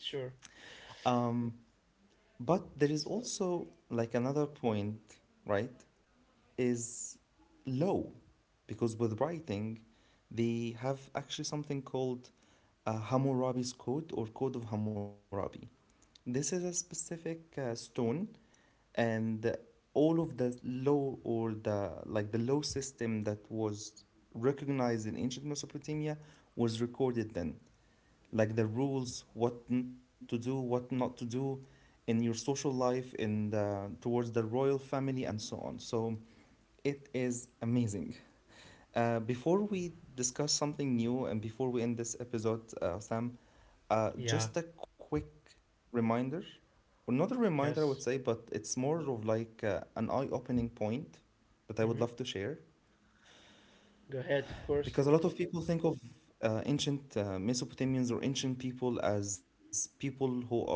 Sure.
Um, but there is
So.
also, like, another point, right? Is low, because with writing they have actually something called Hammurabi's Code, or Code of Hammurabi. This is a specific stone, and all of the law, or the like the law system that was recognized in ancient Mesopotamia, was recorded then, like the rules, to do, what not to do in your social life, in the towards the royal family, and so on. So it is amazing. Before we discuss something new, and before we end this episode, Sam,
Yeah.
just a quick reminder, or not a reminder, I
Yes.
would say, but it's more of, like, an eye-opening point that I
Mhm.
would love to share,
Go ahead. Of course.
because a lot of people think of ancient Mesopotamians, or ancient people, as people who are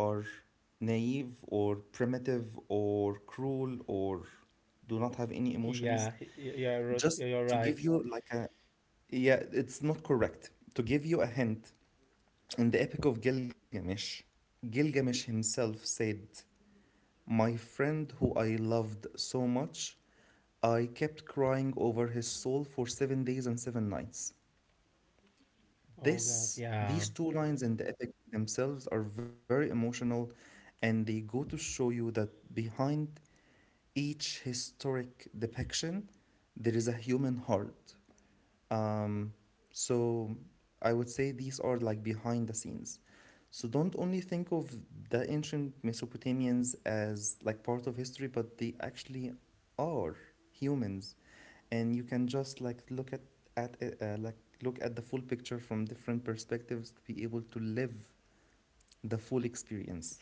naive or primitive or cruel, or do not have any
(laughs) Yeah.
emotions.
Yeah. You're right.
Just
You're
to
right.
give you, like, a— yeah, it's not correct. To give you a hint, in the Epic of Gilgamesh, Gilgamesh himself said, "My friend who I loved so much, I kept crying over his soul for seven days and seven nights."
Oh God.
This,
Yeah.
these two lines in the epic themselves are very emotional, and they go to show you that behind each historic depiction, there is a human heart. So I would say these are, like, behind the scenes. So don't only think of the ancient Mesopotamians as, like, part of history, but they actually are humans, and you can just, like, look at it, like, look at the full picture from different perspectives, to be able to live the full experience.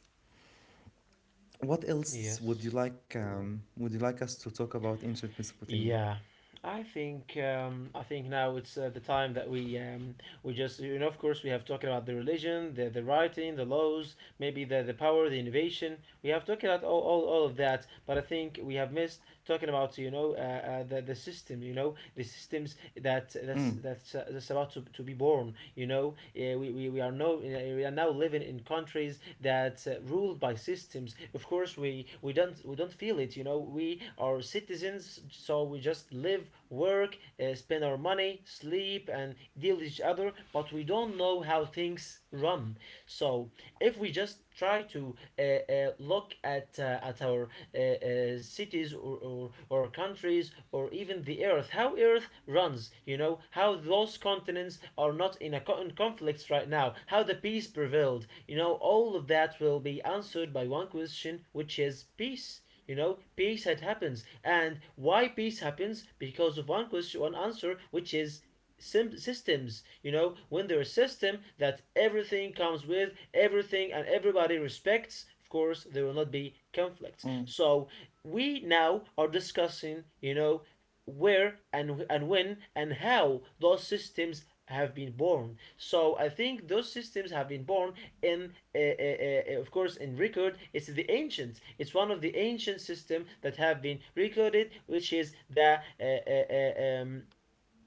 What else would you
Yes.
like? Would you like us to talk about ancient Mesopotamia?
Yeah, I think now it's the time that we just you know of course we have talked about the religion, the writing, the laws, maybe the power, the innovation. We have talked about all of that, but I think we have missed talking about you know the system, you know the systems that
Mm,
that's about to be born. You know, we are no we are now living in countries that ruled by systems of course we don't we don't feel it you know we are citizens so we just live work spend our money sleep and deal with each other but we don't know how things run so if we just try to look at our cities or countries or even the earth how Earth runs, you know, how those continents are not in in conflicts right now, how the peace prevailed, you know, all of that will be answered by one question, which is peace. You know, peace had happens, and why peace happens because of one question, one answer, which is systems you know when there is system that everything comes with everything and everybody respects of course there will not be
mm,
conflicts so we now are discussing you know where and when and how those systems have been born so I think those systems have been born in of course in record it's the ancients it's one of the ancient systems that have been recorded which is the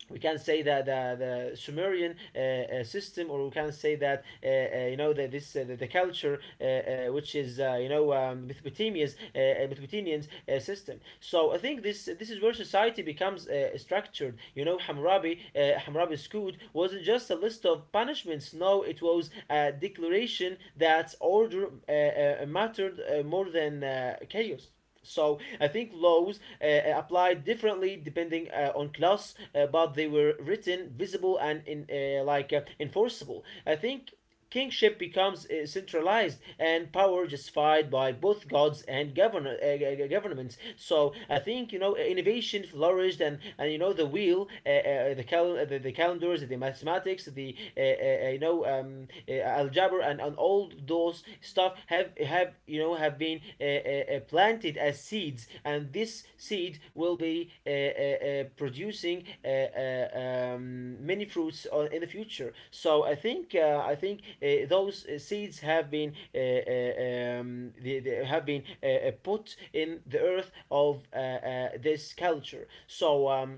we can say that the Sumerian system, or we can say that you know the culture which is you know Mesopotamia's Mesopotamian's system. So I think this is where society becomes structured. You know, Hammurabi's code wasn't just a list of punishments. No, it was a declaration that order mattered more than chaos. So I think laws apply differently depending on class, but they were written, visible, and in enforceable. I think kingship becomes centralized and power justified by both gods and governments. So I think you know innovation flourished and you know the wheel, the calendars, the mathematics, the algebra and all those stuff have you know have been planted as seeds, and this seed will be producing many fruits in the future. So I think those seeds have been they have been put in the earth of this culture. So.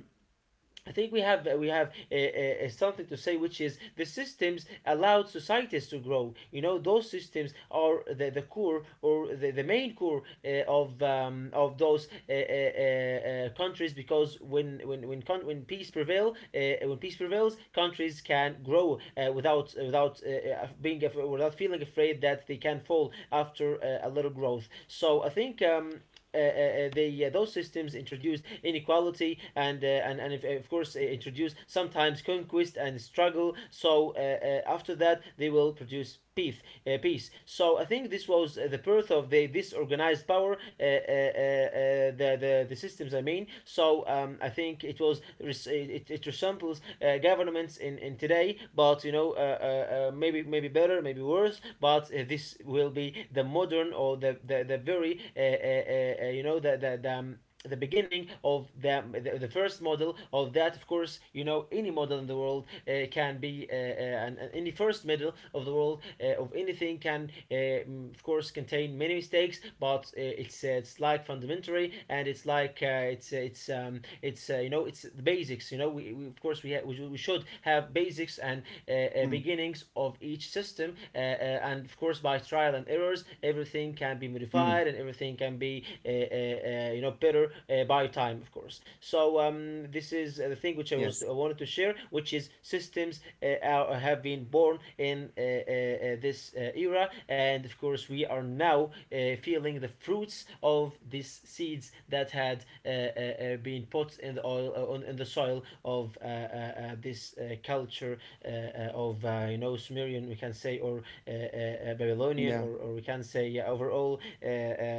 I think we have we have something to say, which is the systems allowed societies to grow. You know, those systems are the core or the main core of of those countries because when peace prevail when peace prevails, countries can grow without being without feeling afraid that they can fall after a little growth. So I think they those systems introduced inequality and of course introduce sometimes conquest and struggle. So after that they will produce peace. Peace. So I think this was the birth of the this organized power the systems. I mean, so I think it was it, it resembles governments in today, but you know maybe maybe better, maybe worse. But this will be the modern or the very you know the beginning of the first model of that of course you know any model in the world can be and any first model of the world of anything can of course contain many mistakes but it's like fundamentary and it's like it's you know it's the basics you know we of course we we should have basics and
mm,
beginnings of each system and of course by trial and errors. Everything can
mm.
be modified and everything can be you know better by time, of course. So this is the thing which
Yes.
I wanted to share, which is systems have been born in this era, and of course we are now feeling the fruits of these seeds that had been put in the oil on in the soil of this culture of you know Sumerian we can say or Babylonian,
Yeah.
or we can say yeah, overall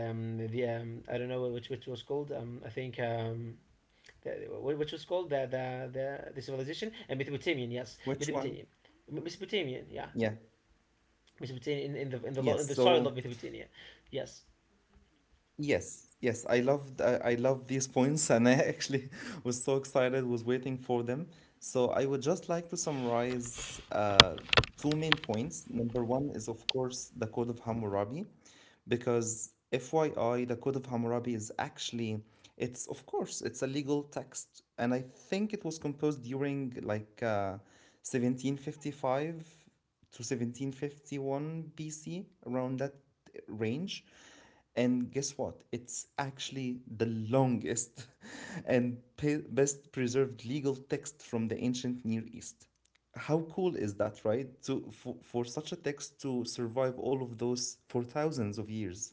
the I don't know which was called. I think. The- which was called the civilization and Mesopotamian yes
Which one?
Mesopotamian Mesopotamian yeah
Yeah.
Mesopotamian in, in the in the
Yes,
in the soil of
so
Mesopotamia yes
yes, yes, I love these (laughs) points, and I actually (laughs) was so excited, was waiting for them. So I would just like to summarize two main points. Number one is, of course, the Code of Hammurabi, because FYI, the Code of Hammurabi is actually, it's of course, it's a legal text, and I think it was composed during, like, 1755 to 1751 BC, around that range. And guess what? It's actually the longest (laughs) and best preserved legal text from the ancient Near East. How cool is that, right? To, for such a text to survive all of those for thousands of years.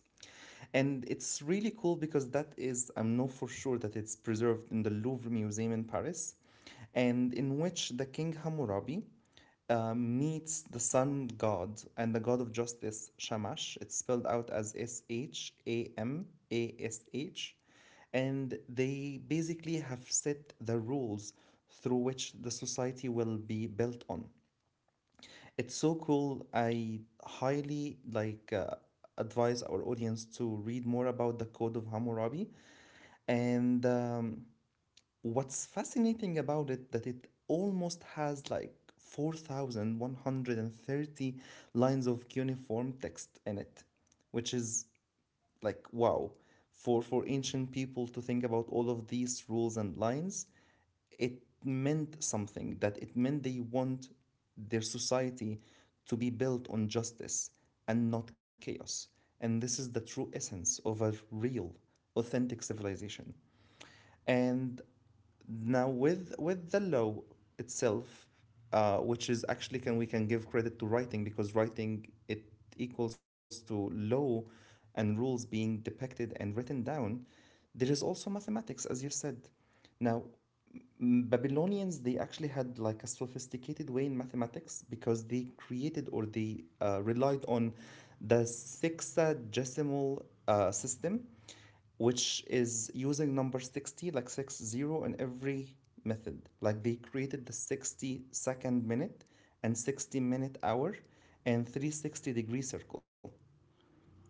And it's really cool because I know for sure that it's preserved in the Louvre Museum in Paris, and in which the King Hammurabi meets the sun god and the god of justice, Shamash. It's spelled out as Shamash. And they basically have set the rules through which the society will be built on. It's so cool. I highly, like, advise our audience to read more about the Code of Hammurabi, and What's fascinating about it, that it almost has like 4,130 lines of cuneiform text in it, which is, like, wow. For ancient people to think about all of these rules and lines, it meant something, that it meant they want their society to be built on justice and not chaos. And this is the true essence of a real, authentic civilization. And now, with the law itself, which is actually, can give credit to writing, because writing it equals to law and rules being depicted and written down. There is also mathematics, as you said. Now, Babylonians, they actually had, like, a sophisticated way in mathematics, because they created, or they relied on the sexagesimal system, which is using number 60, like 60 in every method. Like they created the 60-second minute, and 60-minute hour, and 360-degree circle.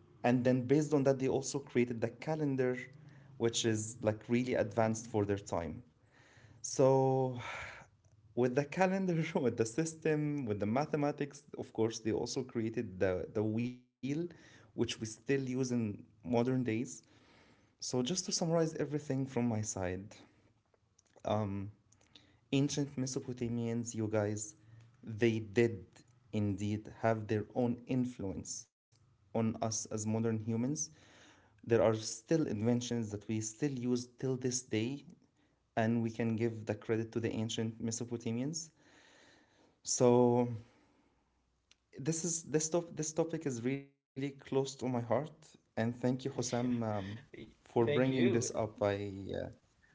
And then based on that, they also created the calendar, which is like really advanced for their time. So, with the calendar, (laughs) with the system, with the mathematics, of course, they also created the wheel, which we still use in modern days. So, just to summarize everything from my side, ancient Mesopotamians, you guys, they did indeed have their own influence on us as modern humans. There are still inventions that we still use till this day, and we can give the credit to the ancient Mesopotamians. So this topic is really close to my heart, and thank you, Hosam,
(laughs)
for
thank
bringing this
you
up. Uh,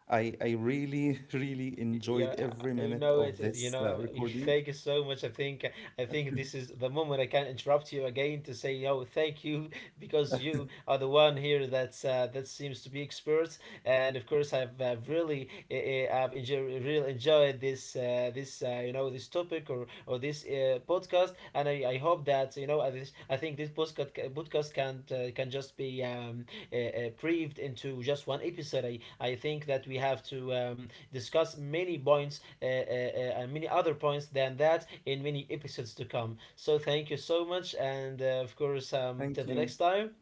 I really (laughs) really
yeah
enjoyed every
you
minute
know
of
you
this
know (laughs)
recording.
thank you so much I think I think this is the moment I can interrupt you again to say no thank you (laughs) because you are the one here that's that seems to be expert and of course I've really I've enjoyed really enjoyed this you know this topic or this podcast and I hope that you know I think this podcast can just be briefed into just one episode I think that we have to discuss many points and many other points than that in many episodes to come. So thank you so much, and of course,
Thank
till the
you.
next time.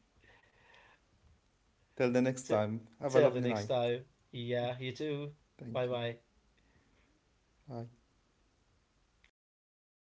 Till the next
T-
time. Have a
till the
lovely
next
night.
time. Yeah, you too.
Thank
Bye
you.
bye.
Bye.